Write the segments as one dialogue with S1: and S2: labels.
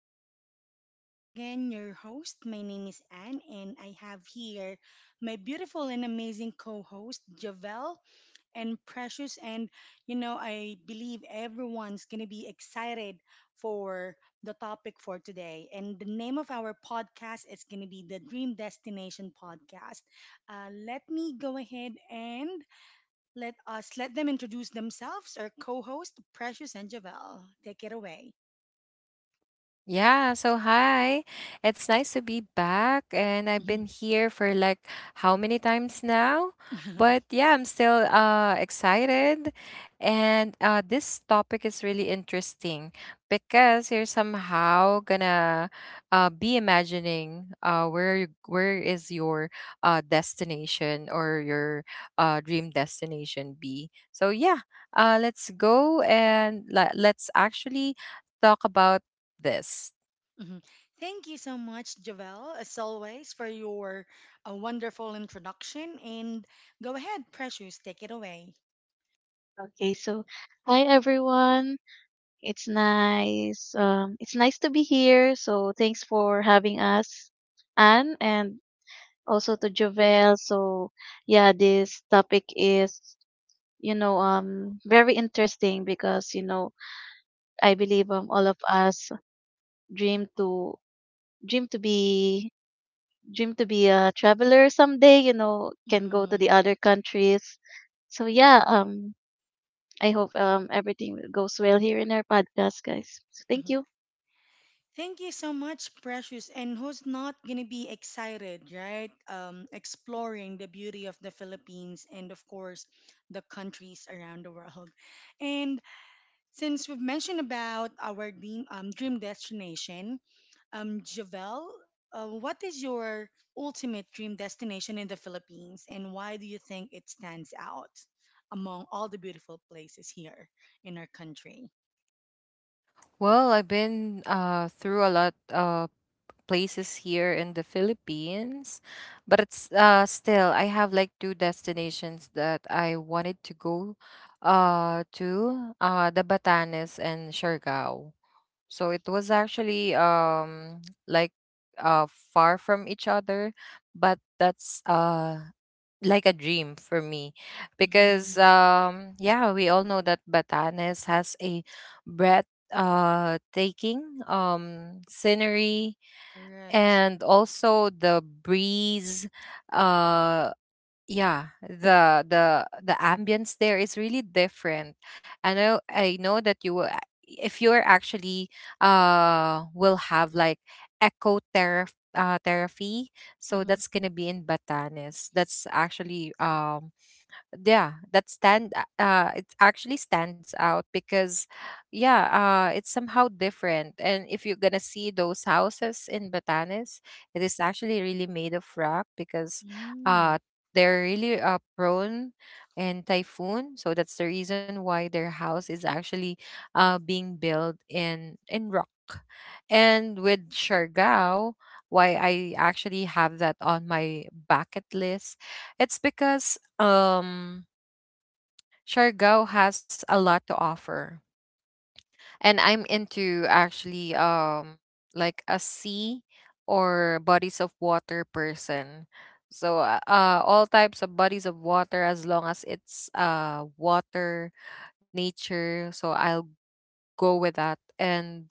S1: And I'm back again, your host. My name is Anne, and I have here my beautiful and amazing co host, Javel and Precious. And, I believe everyone's going to be excited for the topic for today. And the name of our podcast is going to be the Dream Destination Podcast. Let me go ahead and let them introduce themselves. Our co-host, Precious and Javel, take it away.
S2: Yeah, so hi. It's nice to be back and I've
S1: Mhm.
S2: been here for like how many times now? But yeah, I'm still excited and this topic is really interesting because you're somehow gonna be imagining where is your destination or your dream destination be. So yeah, let's go and let's actually talk about this.
S1: Mhm. Thank you so much, Javel, as always, for your wonderful introduction. And go ahead, Precious, take it away.
S3: Okay, so hi everyone. It's nice. It's nice to be here. So thanks for having us, Anne, and also to Jovel. So yeah, this topic is very interesting because I believe all of us dream to dream to be dream to be a traveler someday. You know, can go to
S1: Mhm.
S3: the other countries. So yeah, I hope everything goes well here in our podcast, guys. So thank
S1: Mhm.
S3: you.
S1: Thank you so much, Precious. And who's not gonna be excited, right? Exploring the beauty of the Philippines and, of course, the countries around the world. And since we've mentioned about our dream, dream destination, Javel, what is your ultimate dream destination in the Philippines, and why do you think it stands out among all the beautiful places here in our country?
S2: Well, I've been through a lot of places here in the Philippines, but it's still I have like two destinations that I wanted to go to the Batanes and Siargao. So it was actually like far from each other, but that's like a dream for me because
S1: Hmm.
S2: yeah, we all know that Batanes has a breath taking scenery
S1: Correct.
S2: and also the breeze. uh yeah, the ambience there is really different. I know that you will if you're actually will have like eco terra therapy, so
S1: Mm-hmm.
S2: that's gonna be in Batanes. That's actually yeah, that stand it actually stands out because yeah, it's somehow different. And if you're gonna see those houses in Batanes, it is actually really made of rock because uh they're really prone and typhoon, so that's the reason why their house is actually being built in rock. And with Siargao, why I actually have that on my bucket list, it's because um Siargao has a lot to offer. And I'm into actually like a sea or bodies of water person. So all types of bodies of water, as long as it's water nature. So I'll go with that. And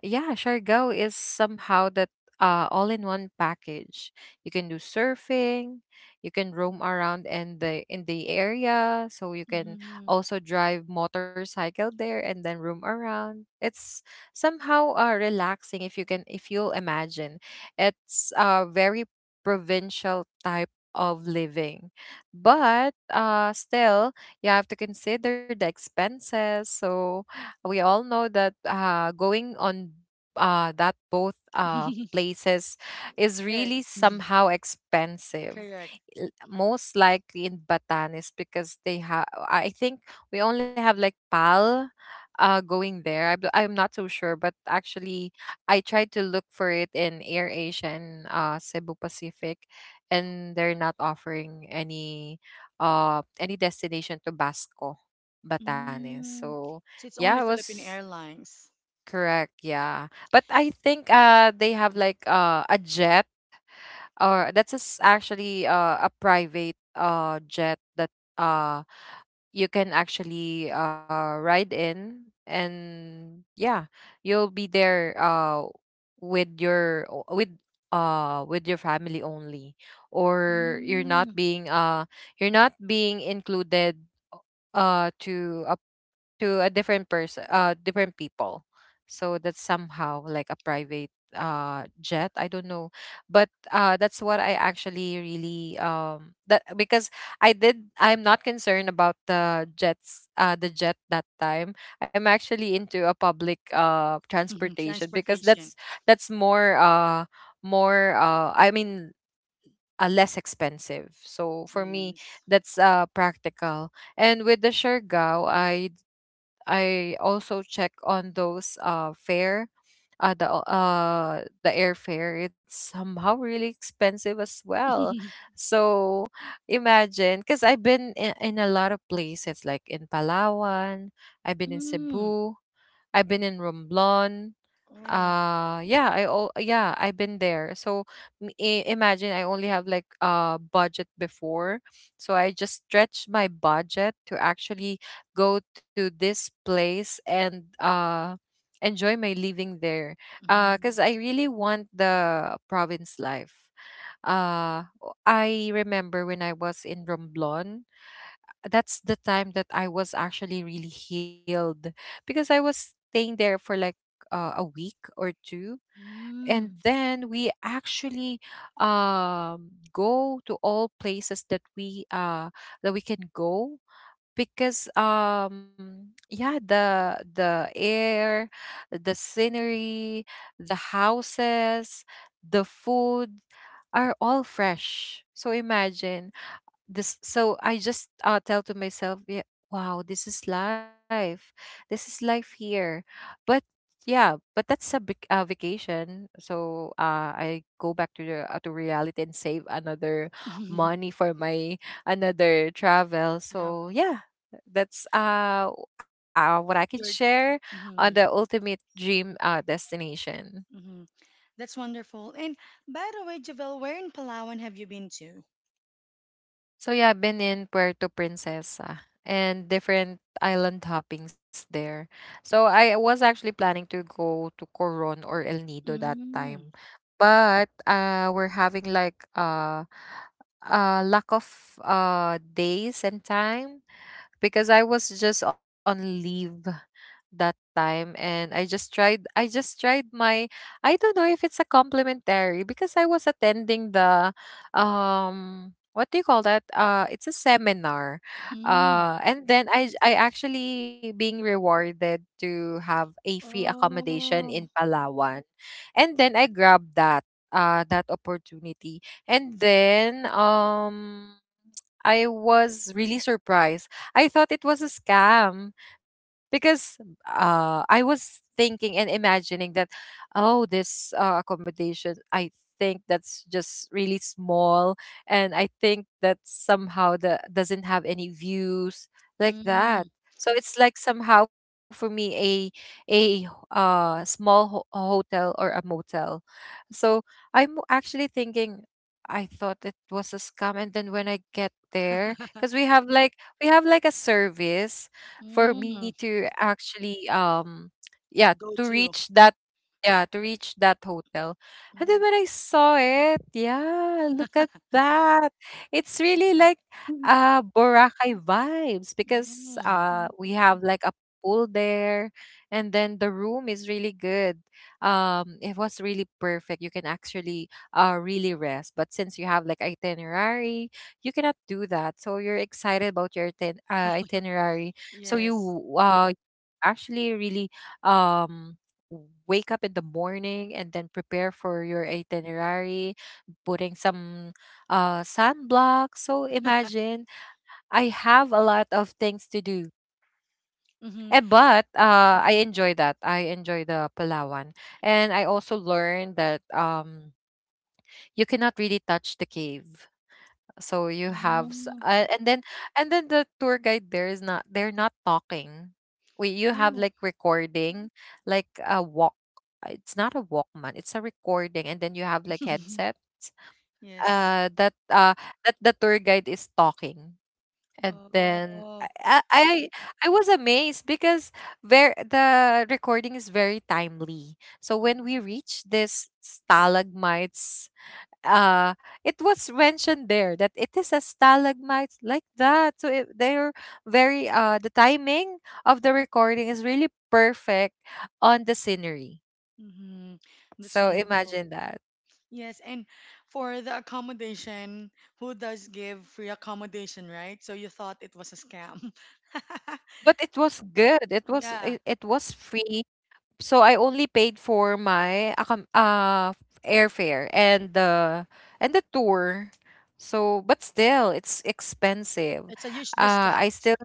S2: yeah, Shargo is somehow that all in one package. You can do surfing, you can roam around in the area, so you can
S1: Mm-hmm.
S2: also drive motorcycle there and then roam around. It's somehow relaxing if you can, if you'll imagine. It's a very provincial type of living. But still, you have to consider the expenses. So we all know that going on that both places is
S1: Very
S2: really somehow expensive.
S1: correct.
S2: Most likely in Batanes because they have, I think we only have like PAL going there. I'm not so sure, but actually, I tried to look for it in Air Asia and Cebu Pacific, and they're not offering any destination to Basco, Batanes.
S1: Mm.
S2: So
S1: So it's
S2: yeah, it
S1: only Philippine
S2: was
S1: Airlines.
S2: correct. Yeah. But I think they have like a jet or that's a s actually a private jet that uh you can actually ride in. And yeah, you'll be there with your o- with with your family only, or
S1: Mm.
S2: you're not being included uh to a to a different person, different people. So that's somehow like a private jet, I don't know. But that's what I actually really that because I did. I'm not concerned about the jets, the jet that time. I'm actually into a public transportation because that's
S1: Transportation.
S2: that's more more I mean less expensive. So for me,
S1: Yes.
S2: that's practical. And with the Siargao, I also check on those fare, the airfare. It's somehow really expensive as well, so imagine. Because I've been in a lot of places like in Palawan, I've been in
S1: Mm.
S2: Cebu, I've been in Romblon,
S1: Oh.
S2: yeah, I oh yeah, I've been there. So imagine, I only have like a budget before, so I just stretched my budget to actually go to this place and enjoy my living there
S1: Mm-hmm.
S2: because I really want the province life. I remember when I was in Romblon, that's the time that I was actually really healed because I was staying there for like a week or two,
S1: Mm.
S2: and then we actually go to all places that we can go because yeah, the air, the scenery, the houses, the food are all fresh. So imagine this, so I just tell to myself, yeah, wow, this is life, this is life here. But yeah, but that's a big vacation, so I go back to the to reality and save another money for my another travel.
S1: Travel.
S2: So yeah, that's what I can
S1: Your.
S2: share on
S1: Mm-hmm.
S2: the ultimate dream destination.
S1: Mm-hmm. That's wonderful. And by the way, Javel, where in Palawan have you been to?
S2: So yeah, I've been in Puerto Princesa and different island hoppings there. So I was actually planning to go to Coron or El Nido that
S1: Mm.
S2: time. But we're having like lack of days and time because I was just on leave that time. And I just tried my, I don't know if it's a complimentary, because I was attending the what do you call that? It's a seminar.
S1: Mm.
S2: And then I actually being rewarded to have a free accommodation in
S1: Oh.
S2: Palawan. And then I grabbed that that opportunity. And then I was really surprised. I thought it was a scam because I was thinking and imagining that, oh, this accommodation, I think that's just really small. And I think that somehow that doesn't have any views like that.
S1: Mm.
S2: So it's like somehow for me a a hotel or a motel. So I'm actually thinking I thought it was a scam, and then when I get there, because we have like a service for me
S1: Mm.
S2: to actually yeah
S1: Go
S2: to
S1: to.
S2: reach that yeah to reach that hotel. And then
S1: Mm.
S2: when I saw it, yeah, look at that, it's really like
S3: Mhm.
S2: Boracay vibes, because
S1: Mm.
S2: we have like a pool there, and then the room is really good. It was really perfect, you can actually really rest. But since you have like itinerary, you cannot do that. So you're excited about your itinerary. So
S1: Yes.
S2: you actually really um, wake up in the morning and then prepare for your itinerary, putting some sunblock. So imagine, I have a lot of things to do.
S1: Mm-hmm.
S2: And but I enjoy that. I enjoy the Palawan, and I also learned that you cannot really touch the cave, so you have
S1: Mm.
S2: and then the tour guide there is not, they're not talking, we you have
S1: Oh.
S2: like recording, like a walk, it's not a walkman, it's a recording. And then you have like headsets
S1: Yes.
S2: that that the tour guide is talking. And then
S1: Oh.
S2: I was amazed because very the recording is very timely. So when we reach this stalagmites, uh it was mentioned there that it is a stalagmite, like that. So they're very the timing of the recording is really perfect on the scenery.
S1: Mm-hmm. That's
S2: So
S1: wonderful.
S2: imagine that.
S1: Yes, and for the accommodation, who does give free accommodation, right? So you thought it was a scam.
S2: But it was good,
S1: Yeah,
S2: it was free. So I only paid for my airfare and the tour. So but still it's expensive.
S1: it's a huge
S2: I
S1: discount.
S2: still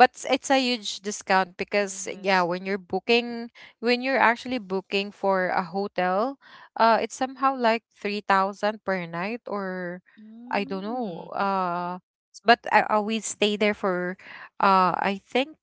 S2: but s- It's a huge discount, because yeah,
S1: Yes.
S2: when you're booking, when you're actually booking for a hotel, it's somehow like 3,000 per night, or I don't know.
S1: Mm.
S2: But I always stay there for I think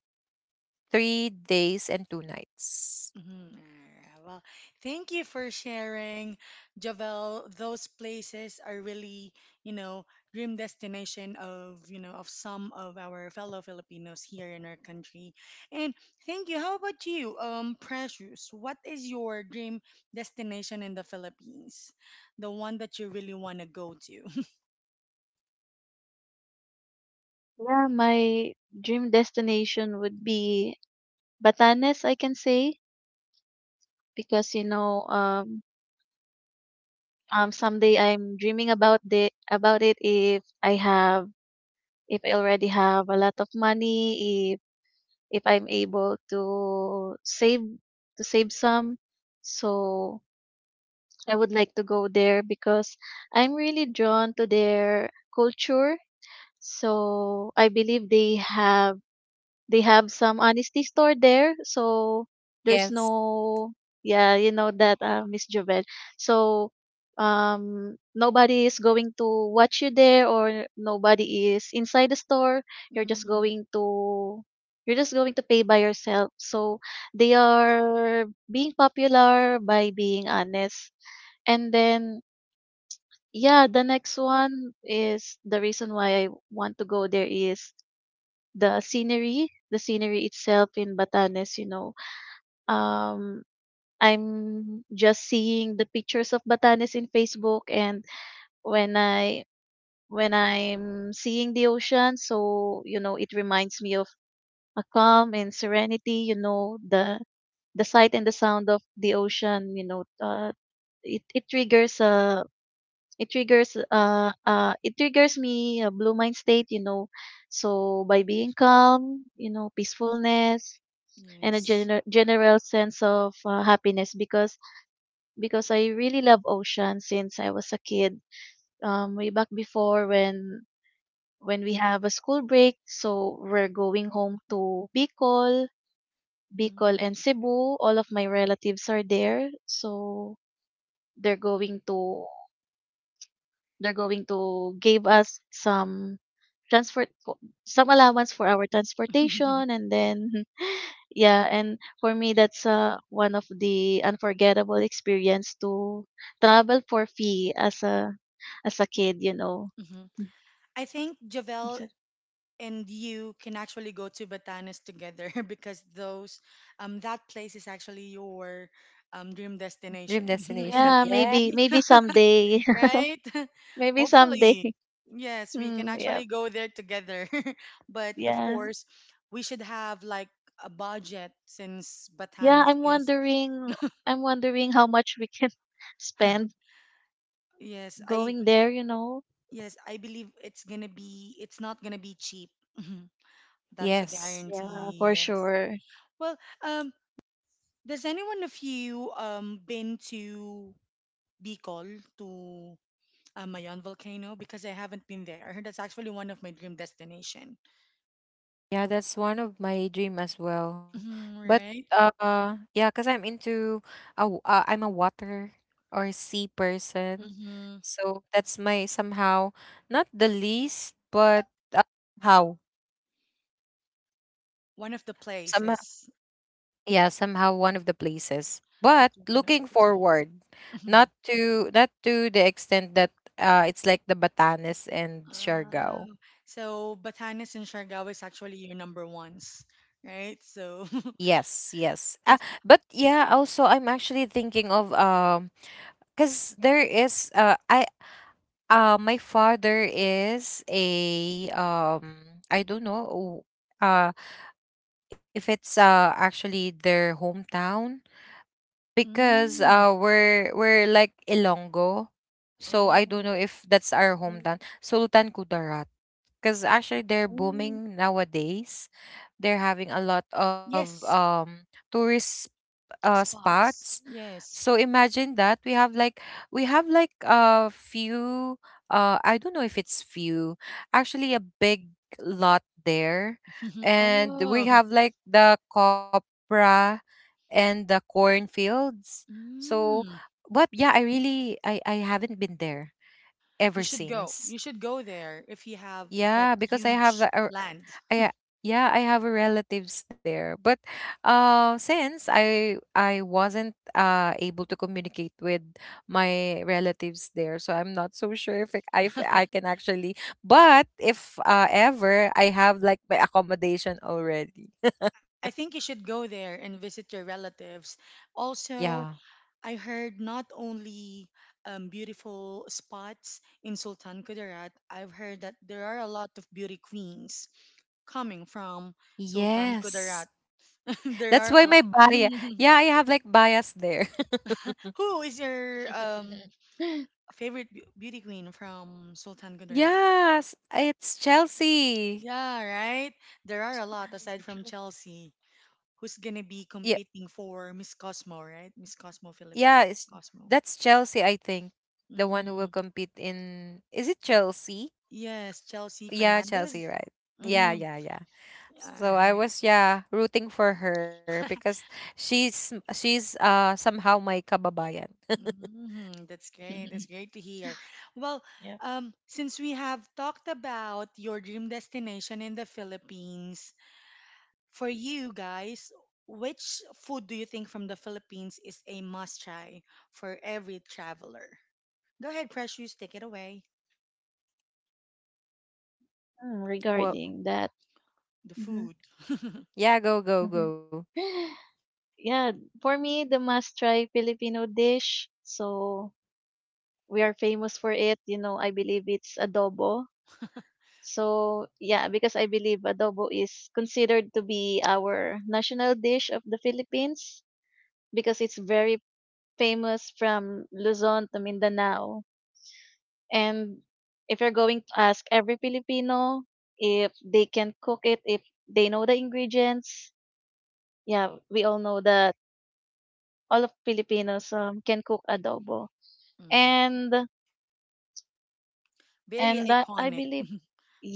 S2: 3 days and 2 nights.
S1: Mhm, alright. Well, thank you for sharing, Javel. Those places are really, you know, dream destination of, of some of our fellow Filipinos here in our country. And thank you. How about you, Precious? What is your dream destination in the Philippines? The one that you really want to go to?
S3: Yeah, my dream destination would be Batanes, I can say, because someday I'm dreaming about the about it if I already have a lot of money, if I'm able to save some. So I would like to go there because I'm really drawn to their culture. So I believe they have some honesty store there. So there's
S2: Yes,
S3: no, yeah, you know that, Miss Jovel. So nobody is going to watch you there, or nobody is inside the store. You're just
S1: Mhm.
S3: going to, pay by yourself. So they are being popular by being honest. And then yeah, the next one, is the reason why I want to go there, is the scenery itself in Batanes, you know. Um, I'm just seeing the pictures of Batanes in Facebook, and when I when I'm seeing the ocean, so you know, it reminds me of a calm and serenity. You know, the sight and the sound of the ocean. It it triggers uh it triggers me a blue mind state. You know, so by being calm, you know, peacefulness, and a
S1: Yes.
S3: general sense of happiness because I really love ocean since I was a kid. Way back before, when we have a school break, so we're going home to Bicol, Bicol
S1: Mhm.
S3: and Cebu. All of my relatives are there, so they're going to they're going to give us some transport co- some allowance for our transportation. And then yeah, and for me that's one of the unforgettable experience to travel for fee as a, as a kid, you know.
S1: Mhm. I think
S3: I
S1: Javel
S3: said,
S1: and you can actually go to Batanes together because those that place is actually your dream destination.
S2: dream
S3: yeah,
S2: destination,
S1: Yeah,
S3: maybe
S2: yeah.
S3: maybe someday.
S1: right?
S3: maybe someday.
S1: Hopefully. Yes, we can
S3: mm, yeah.
S1: actually go there together. But of
S3: Yeah.
S1: course, we should have like a budget since
S3: Yeah,
S1: Batanes
S3: I'm
S1: is
S3: wondering, how much we can spend
S1: yes, I
S3: going there, you know.
S1: yes, I believe it's not gonna be cheap. That's a
S2: Yes.
S3: Yeah,
S1: guarantee,
S3: for
S1: yes.
S3: sure.
S1: Well, um, does anyone of you been to Bicol to Mayon volcano? Because I haven't been there. I heard that's actually one of my dream destination.
S2: Yeah, that's one of my dream as well.
S1: Hmm,
S2: But
S1: right?
S2: yeah, cuz I'm into I'm a water or sea person.
S1: Hmm,
S2: So that's my somehow not the least, but how
S1: one of the
S2: somehow,
S1: places
S2: yeah, somehow one of the places. But
S1: that you wanna go
S2: looking
S1: to.
S2: forward,
S1: Mhm.
S2: not to the extent that it's like the Batanes and Siargao.
S1: Um, so Batanes and Siargao is actually your number ones, right? So
S2: Yes, yes. But
S1: yes.
S2: yeah, also I'm actually thinking of because there is I my father is a I don't know uh if it's actually their hometown, because
S1: Mm,
S2: we're like Ilonggo. So I don't know
S1: oh,
S2: if that's our
S3: Mm.
S2: hometown, Sultan Kudarat, because actually they're
S3: Mm.
S2: booming nowadays, they're having a lot of
S1: yes,
S2: tourist spots.
S1: spots.
S2: So
S1: Yes.
S2: imagine that we have like a few, I don't know if it's few, actually a big lot there. And we
S1: Oh.
S2: have like the copra and the cornfields. So
S1: Mm.
S2: but yeah, I really I haven't been there
S1: You
S2: ever
S1: should go.
S2: since.
S1: You should go there if you have that
S2: Yeah, because I have
S1: huge
S2: a-
S1: land.
S2: I yeah, I have a relatives there. But since I wasn't able to communicate with my relatives there, so I'm not so sure if it- I if I can actually. But if ever I have like my accommodation already.
S1: I think you should go there and visit your relatives. Also,
S2: Yeah.
S1: I heard not only beautiful spots in Sultan Kudarat, I've heard that there are a lot of beauty queens coming from Sultan Kudarat.
S2: Yes.
S1: There
S2: That's
S1: are a
S2: why my
S1: lot.
S2: bias. Yeah, I have like bias there.
S1: Who is your favorite beauty queen from Sultan Kudarat?
S2: yes, it's Chelsea.
S1: Yeah, right? There are a
S3: Mm,
S1: lot aside from Chelsea, who's gonna be competing for Miss Cosmo, right? Miss Cosmo Philip,
S2: Yeah,
S1: Miss
S2: it's,
S1: Cosmo.
S2: that's Chelsea, I think. The one
S1: Hmm.
S2: who will compete in, is it Chelsea?
S1: Yes, Chelsea
S2: Yeah,
S1: Fernandez.
S2: Chelsea, right.
S1: Mm-hmm.
S2: Yeah, yeah, yeah. So I was rooting for her because she's somehow my kababayan.
S1: Mm-hmm. That's
S3: true.
S1: great. That's great to hear. Well,
S3: Yeah.
S1: since we have talked about your dream destination in the Philippines, for you guys, which food do you think from the Philippines is a must try for every traveler? Go ahead, Precious, take it away.
S3: Mm,
S2: Well,
S3: regarding that.
S1: The
S3: Hmm.
S1: food.
S2: yeah, go go
S3: Hmm.
S2: go.
S3: yeah, for me, the must try Filipino dish. So we are famous for it. You know, I believe it's adobo. So yeah, because I believe adobo is considered to be our national dish of the Philippines, because it's very famous from Luzon to Mindanao. And if you're going to ask every Filipino, if they can cook it, if they know the ingredients, yeah, we all know that all of Filipinos, can cook adobo.
S1: Mm.
S3: And
S1: Very
S3: and I
S1: iconic.
S3: believe,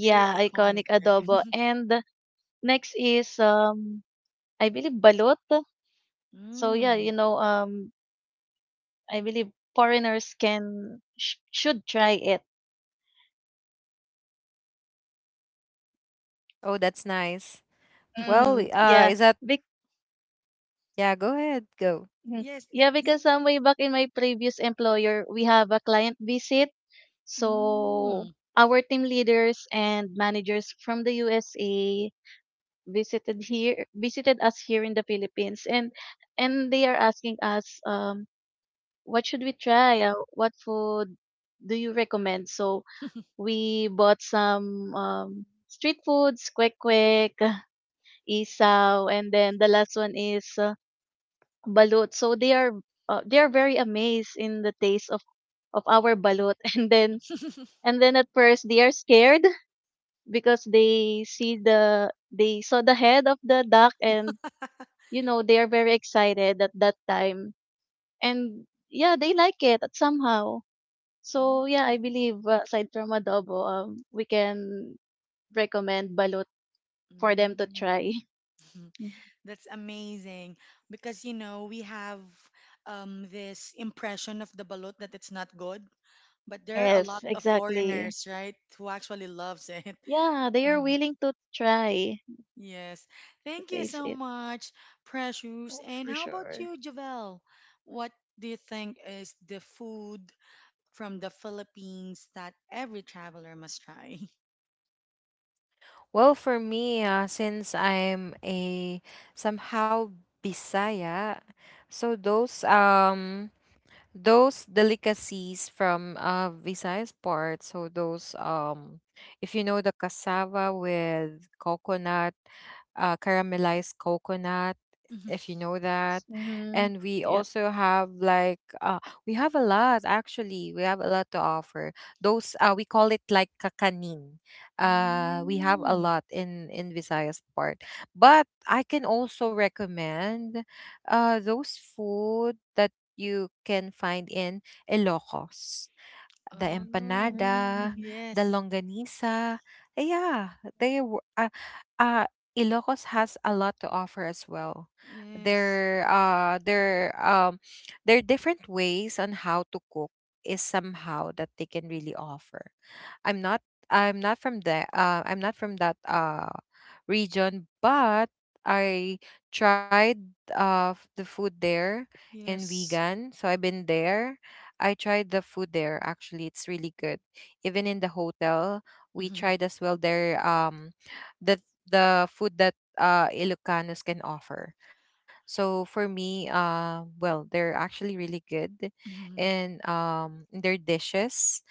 S1: Very
S3: iconic
S1: iconic, right?
S3: adobo. And next is, I believe, balut. So yeah, you
S1: Mm.
S3: know, I believe foreigners can should try it.
S2: Oh, that's nice. Well,
S3: Mm, yeah.
S2: is that
S3: Bec-
S2: yeah, go ahead, go.
S3: mhm.
S1: Yes.
S3: Yeah,
S1: The,
S3: because way back in my previous employer, we have a client visit. So
S1: mm.
S3: our team leaders and managers from the USA visited here, visited us here in the Philippines. And they are asking us, what should we try, what food do you recommend? So we bought some street foods, kwek kwek, isaw, and then the last one is balut. So they are, they are very amazed in the taste of our balut. and then, and then at first they are scared because they saw the head of the duck. And you know, they are very excited at that time. And yeah, they like it somehow.
S1: Mm.
S3: So yeah, I believe aside from adobo, we can recommend balut for them to
S1: Mm.
S3: try.
S1: That's amazing because we have this impression of the balut that it's not good, but there are a lot
S3: yes,
S1: of
S3: exactly.
S1: foreigners, right, who actually loves it.
S3: Yeah, they are willing to try,
S1: Yes.
S3: to
S1: Thank you
S3: taste
S1: so
S3: it.
S1: much, Precious.
S3: Oh,
S1: And
S3: for
S1: how about
S3: sure.
S1: you, Javel? What do you think is the food from the Philippines that every traveler must try?
S2: Well, for me, since I'm a somehow Bisaya, so those those delicacies from Visayas part. So those, if you know the cassava with coconut, caramelized coconut. If you know that, and
S3: Mm-hmm.
S2: we
S3: Yep.
S2: also have like we have a lot actually. We have a lot to offer. Those, we call it like kakanin. We have a
S1: Mm.
S2: lot in Visayas part, but I can also recommend those food that you can find in Ilocos. The
S1: Oh,
S2: empanada,
S3: Mm.
S2: the
S1: yes.
S2: longanisa. Yeah, uh Ilocos has a lot to offer as well.
S1: Yes.
S2: Their their different ways on how to cook is somehow that they can really offer. I'm not I'm not from the I'm not from that region, but I tried the food there in
S1: Yes.
S2: vegan. So I've been there. I tried the food there. Actually, it's really good. Even in the hotel, we
S1: Mhm,
S2: tried as well the food that Ilocanos can offer. So for me, well, they're actually really good
S1: mhm,
S2: and in their dishes,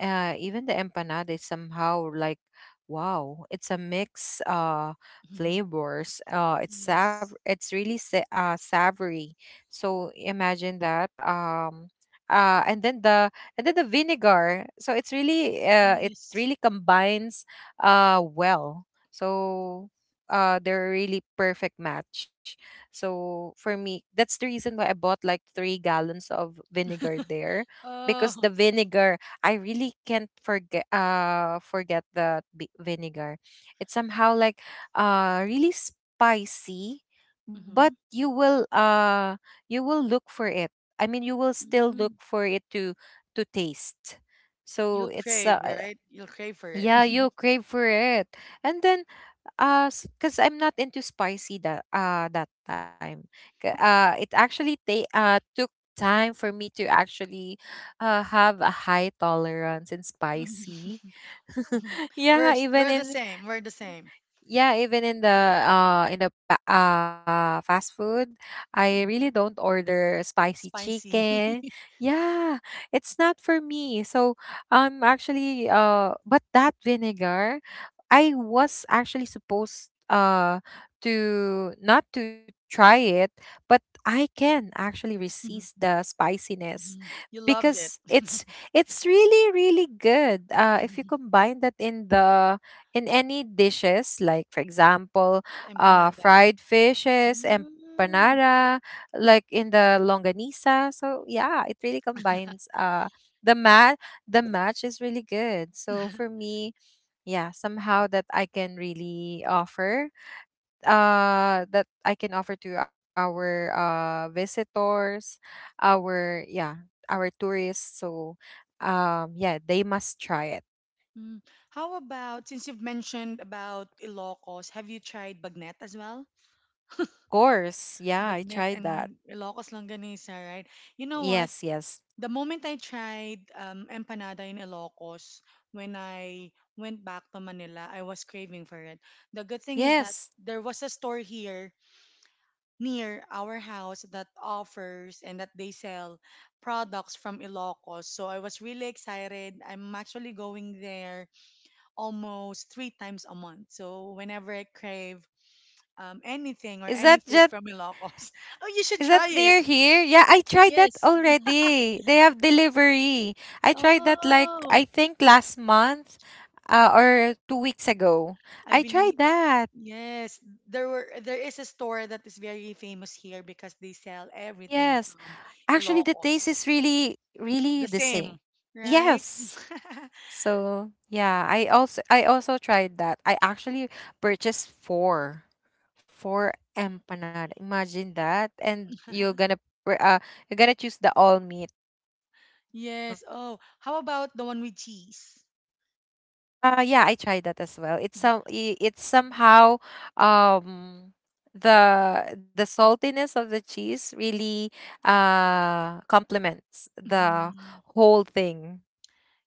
S2: even the empanada is somehow like wow, it's a mix
S1: mhm.
S2: flavors, uh it's sav
S1: Yes.
S2: it's really savory, so imagine that, and then the vinegar, so it's really it
S1: Yes.
S2: really combines well. So they're a really perfect match, so for me that's the reason why I bought like 3 gallons of vinegar there because
S1: Oh.
S2: the vinegar, I really can't forget forget vinegar. It's somehow like really spicy, but
S1: Mhm,
S2: you will look for it. I mean, you will still
S1: mhm.
S2: look for it to taste.
S1: You'll
S2: So it's
S1: crave, right? You'll crave for it.
S2: yeah, you crave for it. And then uh, because I'm not into spicy that that time. It actually took time for me to actually have a high tolerance in spicy. yeah, even
S1: We're the
S2: in
S1: same. We're the same.
S2: yeah, even in the fast food, I really don't
S1: Mm,
S2: order spicy
S1: spicy.
S2: chicken. Yeah, it's not for me. So I'm actually but that vinegar, I was actually supposed to not to try it, but I can actually resist the spiciness
S1: You loved it.
S2: because it's really really good. If you
S1: the
S2: combine that in the in any dishes, like for example,
S1: empanada.
S2: fried fishes,
S1: Mm.
S2: empanada, like in the longanisa. So yeah, it really combines. The mat the match is really good. So for me, yeah somehow that I can really offer that I can offer to our visitors, our yeah, our tourists. So yeah, they must try it.
S1: Mm. How about since you've mentioned about Ilocos, have you tried bagnet as well?
S2: Of course, yeah, I
S1: Bagnet
S2: tried that.
S1: and Ilocos longanisa, right? You know what?
S2: Yes, yes,
S1: The moment I tried empanada in Ilocos, when I went back to Manila, I was craving for it. The good thing is that
S2: yes.
S1: there was a store here near our house that offers and that they sell products from Ilocos. So I was really excited. I'm actually going there almost three times a month. So whenever I crave anything or any
S2: is that
S1: food from
S2: just
S1: Ilocos, oh, you should
S2: is that
S1: try it.
S2: near here? Yeah, I tried that
S1: Yes.
S2: already. They have delivery. I tried that like,
S1: Oh,
S2: I think last month, or 2 weeks ago.
S1: I
S2: I
S1: believe.
S2: tried that.
S1: Yes, there is a store that is very famous here because they sell
S2: Yes.
S1: everything from
S2: Actually, the taste is
S1: Ilocos.
S2: really, really
S1: The
S2: the same.
S1: same, right?
S2: Yes. So yeah, I also tried that. I actually purchased four empanada. Imagine that, and you're gonna pr- uh you're gonna choose the all meat. Mm.
S1: Yes. Oh, how about the one with cheese?
S2: Yeah, I tried that as well. It's somehow um the saltiness of the cheese really complements the
S1: Mhm.
S2: whole thing.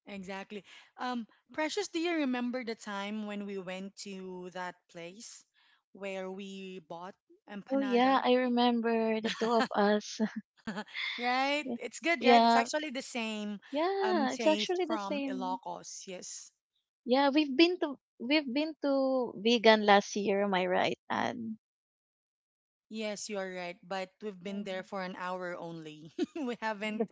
S1: Exactly. Um, Precious, do you remember the time when we went to that place where we bought
S3: Oh yeah,
S1: empanada?
S3: I remember, the two of us.
S1: Right? It's good, right? It's
S3: yeah,
S1: actually the same
S3: yeah, it's
S1: taste
S3: actually the
S1: from
S3: same.
S1: Ilocos. Yes.
S3: Yeah, we've been to, we've been to vegan last year, am I right? And
S1: Yes, you are right, but we've been there
S3: mhm.
S1: for an hour only.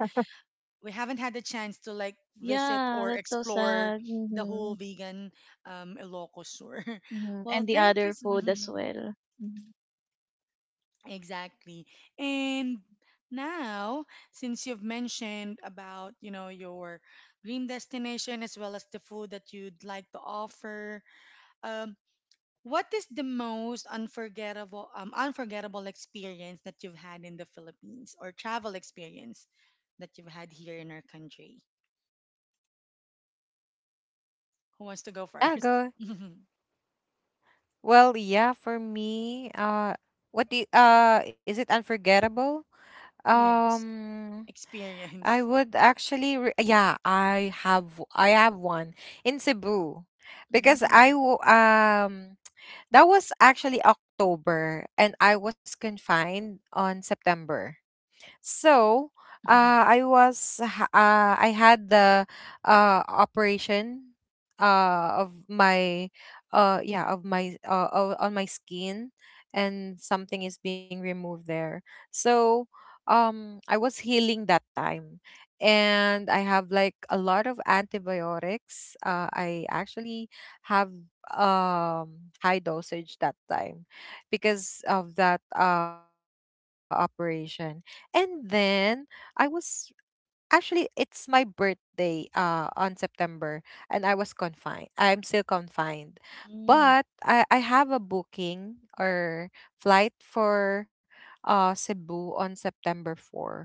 S1: we haven't had the chance to like visit
S3: Yeah,
S1: or
S3: that's so
S1: explore
S3: sad.
S1: the
S3: Hmm.
S1: whole vegan Ilocos Sur.
S3: Hmm.
S1: Well,
S3: And the
S1: thank
S3: other
S1: you. So,
S3: food as
S1: mhm,
S3: well. Mhm.
S1: exactly. And now, since you've mentioned about, your dream destination as well as the food that you'd like to offer, um what is the most unforgettable unforgettable experience that you've had in the Philippines or travel experience that you've had here in our country? Who wants to go
S2: Yeah,
S1: first?
S2: go. Well, yeah, for me, what do you, is it unforgettable?
S1: Yes,
S2: Um, I
S1: experience.
S2: would actually, yeah, I have one in Cebu, because
S1: Mm.
S2: that was actually October, and I was confined on September. So I was I had the operation of my yeah of my on my skin, and something is being removed there. So I was healing that time and I have like a lot of antibiotics. I actually have high dosage that time because of that operation. And then I was actually, it's my birthday on September, and I was confined. I'm still confined.
S1: Hmm.
S2: But I have a booking or flight for Cebu on September 4.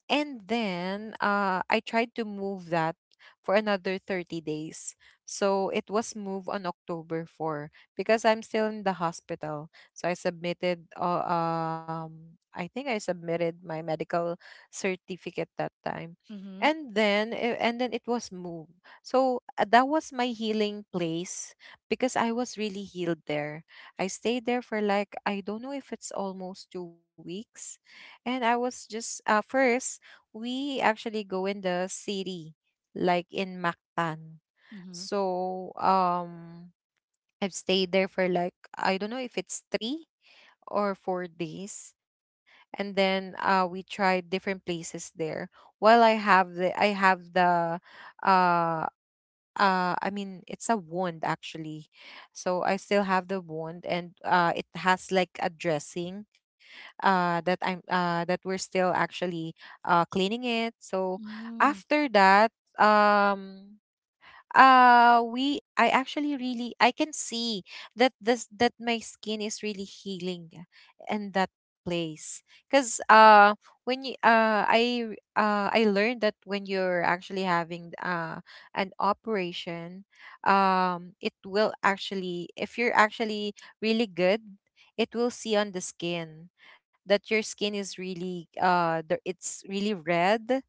S2: And then I tried to move that for another 30 days. So it was moved on October 4 because I'm still in the hospital. So I submitted, I think I submitted my medical certificate that time. And then, and then it was moved. So that was my healing place because I was really healed there. I stayed there for like, I don't know if it's almost 2 weeks. And I was just, first, we actually go in the city, like in Mactan. So, I've stayed there for like, I don't know if it's 3 or 4 days. And then we tried different places there. While I have the, uh, uh, I mean, it's a wand actually. So I still have the wand, and it has like a dressing that we're still actually cleaning it. So
S1: Mm.
S2: after that, um, we I actually really, I can see that my skin is really healing in that place because when you I I learned that when you're actually having an operation, it will actually, if you're actually really good, it will see on the skin that your skin is really it's really red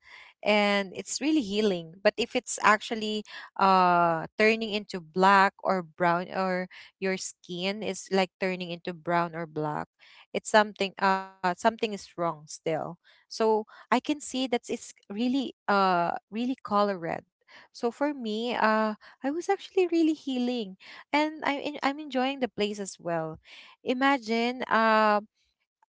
S2: and it's really healing. But if it's actually turning into black or brown, or your skin is like turning into brown or black, it's something is wrong still. So I can see that it's really color red. So for me, I was actually really healing, and I'm enjoying the place as well. Imagine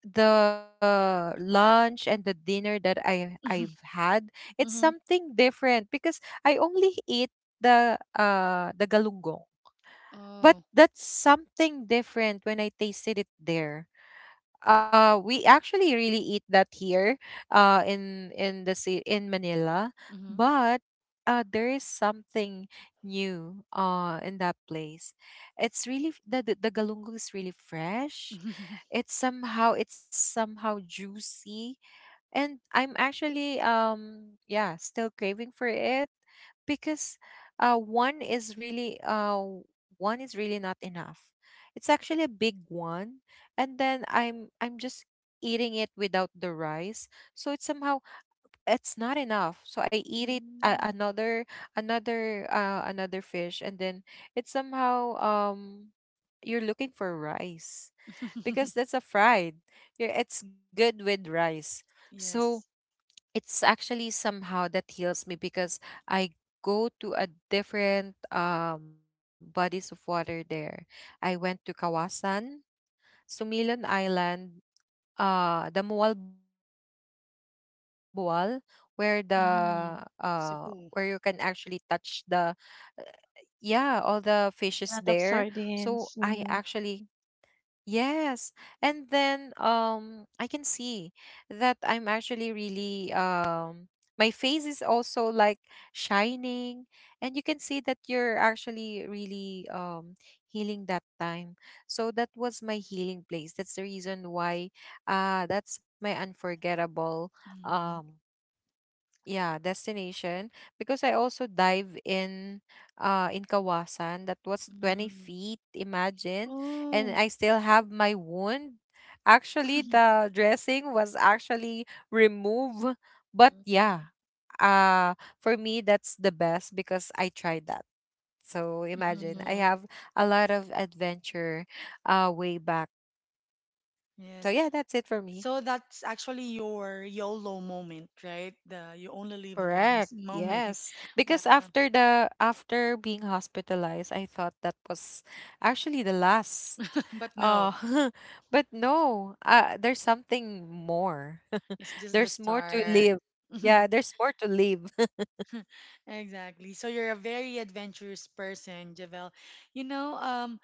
S2: the lunch and the dinner that I've
S1: Hmm.
S2: had, it's
S1: Mm. Hmm. Mm. Hmm.
S2: something different because I only eat the galunggong. But
S1: Oh.
S2: that's something different when I tasted it there. We actually really eat that here, in Manila,
S1: Mm-hmm.
S2: but there is something new in that place. It's really f- the galunggong is really fresh. It's somehow juicy, and I'm actually yeah, still craving for it because uh one is really uh one is really not enough. It's actually a big one, and then I'm just eating it without the rice. So it's somehow it's not enough. So I eat it,
S1: Mm.
S2: another another fish. And then it's somehow, you're looking for rice because that's a fried. Yeah, it's good with rice. So
S1: Yes.
S2: it's actually somehow that heals me because I go to a different, bodies of water there. I went to Kawasan, Sumilon Island, the Mualbual, where the where you can
S1: Mm.
S2: actually touch
S1: Cebu.
S2: the yeah all the fishes there.
S3: A lot
S2: So
S3: of
S2: I
S3: sardines.
S2: actually
S3: Hmm.
S2: yes. And then I can see that I'm actually really my face is also like shining, and you can see that you're actually really healing that time. So that was my healing place. That's the reason why that's my unforgettable
S1: Mm.
S2: um yeah destination, because I also dive in Kawasan. That was 20
S1: Mm.
S2: feet, imagine. And
S1: Oh.
S2: I still have my wound. Actually, the dressing was actually removed, but
S1: Mm.
S2: yeah, uh for me that's the best because I tried that. So imagine, I
S1: Mm-hmm.
S2: have a lot of adventure way back. So
S1: Yes.
S2: yeah, that's it for me.
S1: So that's actually your YOLO moment, right? The you only live
S2: Correct.
S1: once moment.
S2: Yes. Because
S1: Wow.
S2: after the after being hospitalized, I thought that was actually the last.
S1: But
S2: Uh
S1: no,
S2: but no, there's something more.
S1: it's just the
S2: there's more to
S1: start.
S2: live. Yeah, there's more to live.
S1: Exactly. So you're a very adventurous person, Javel. You know,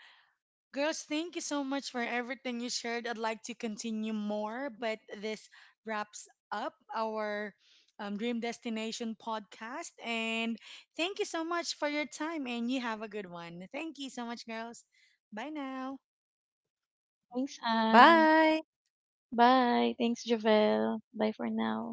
S1: girls, thank you so much for everything you shared. I'd like to continue more, but this wraps up our Dream Destination podcast. And thank you so much for your time, and you have a good one. Thank you so much, girls. Bye now.
S3: Thanks, Anne.
S2: Bye.
S3: Bye. Thanks, Javel. Bye for now.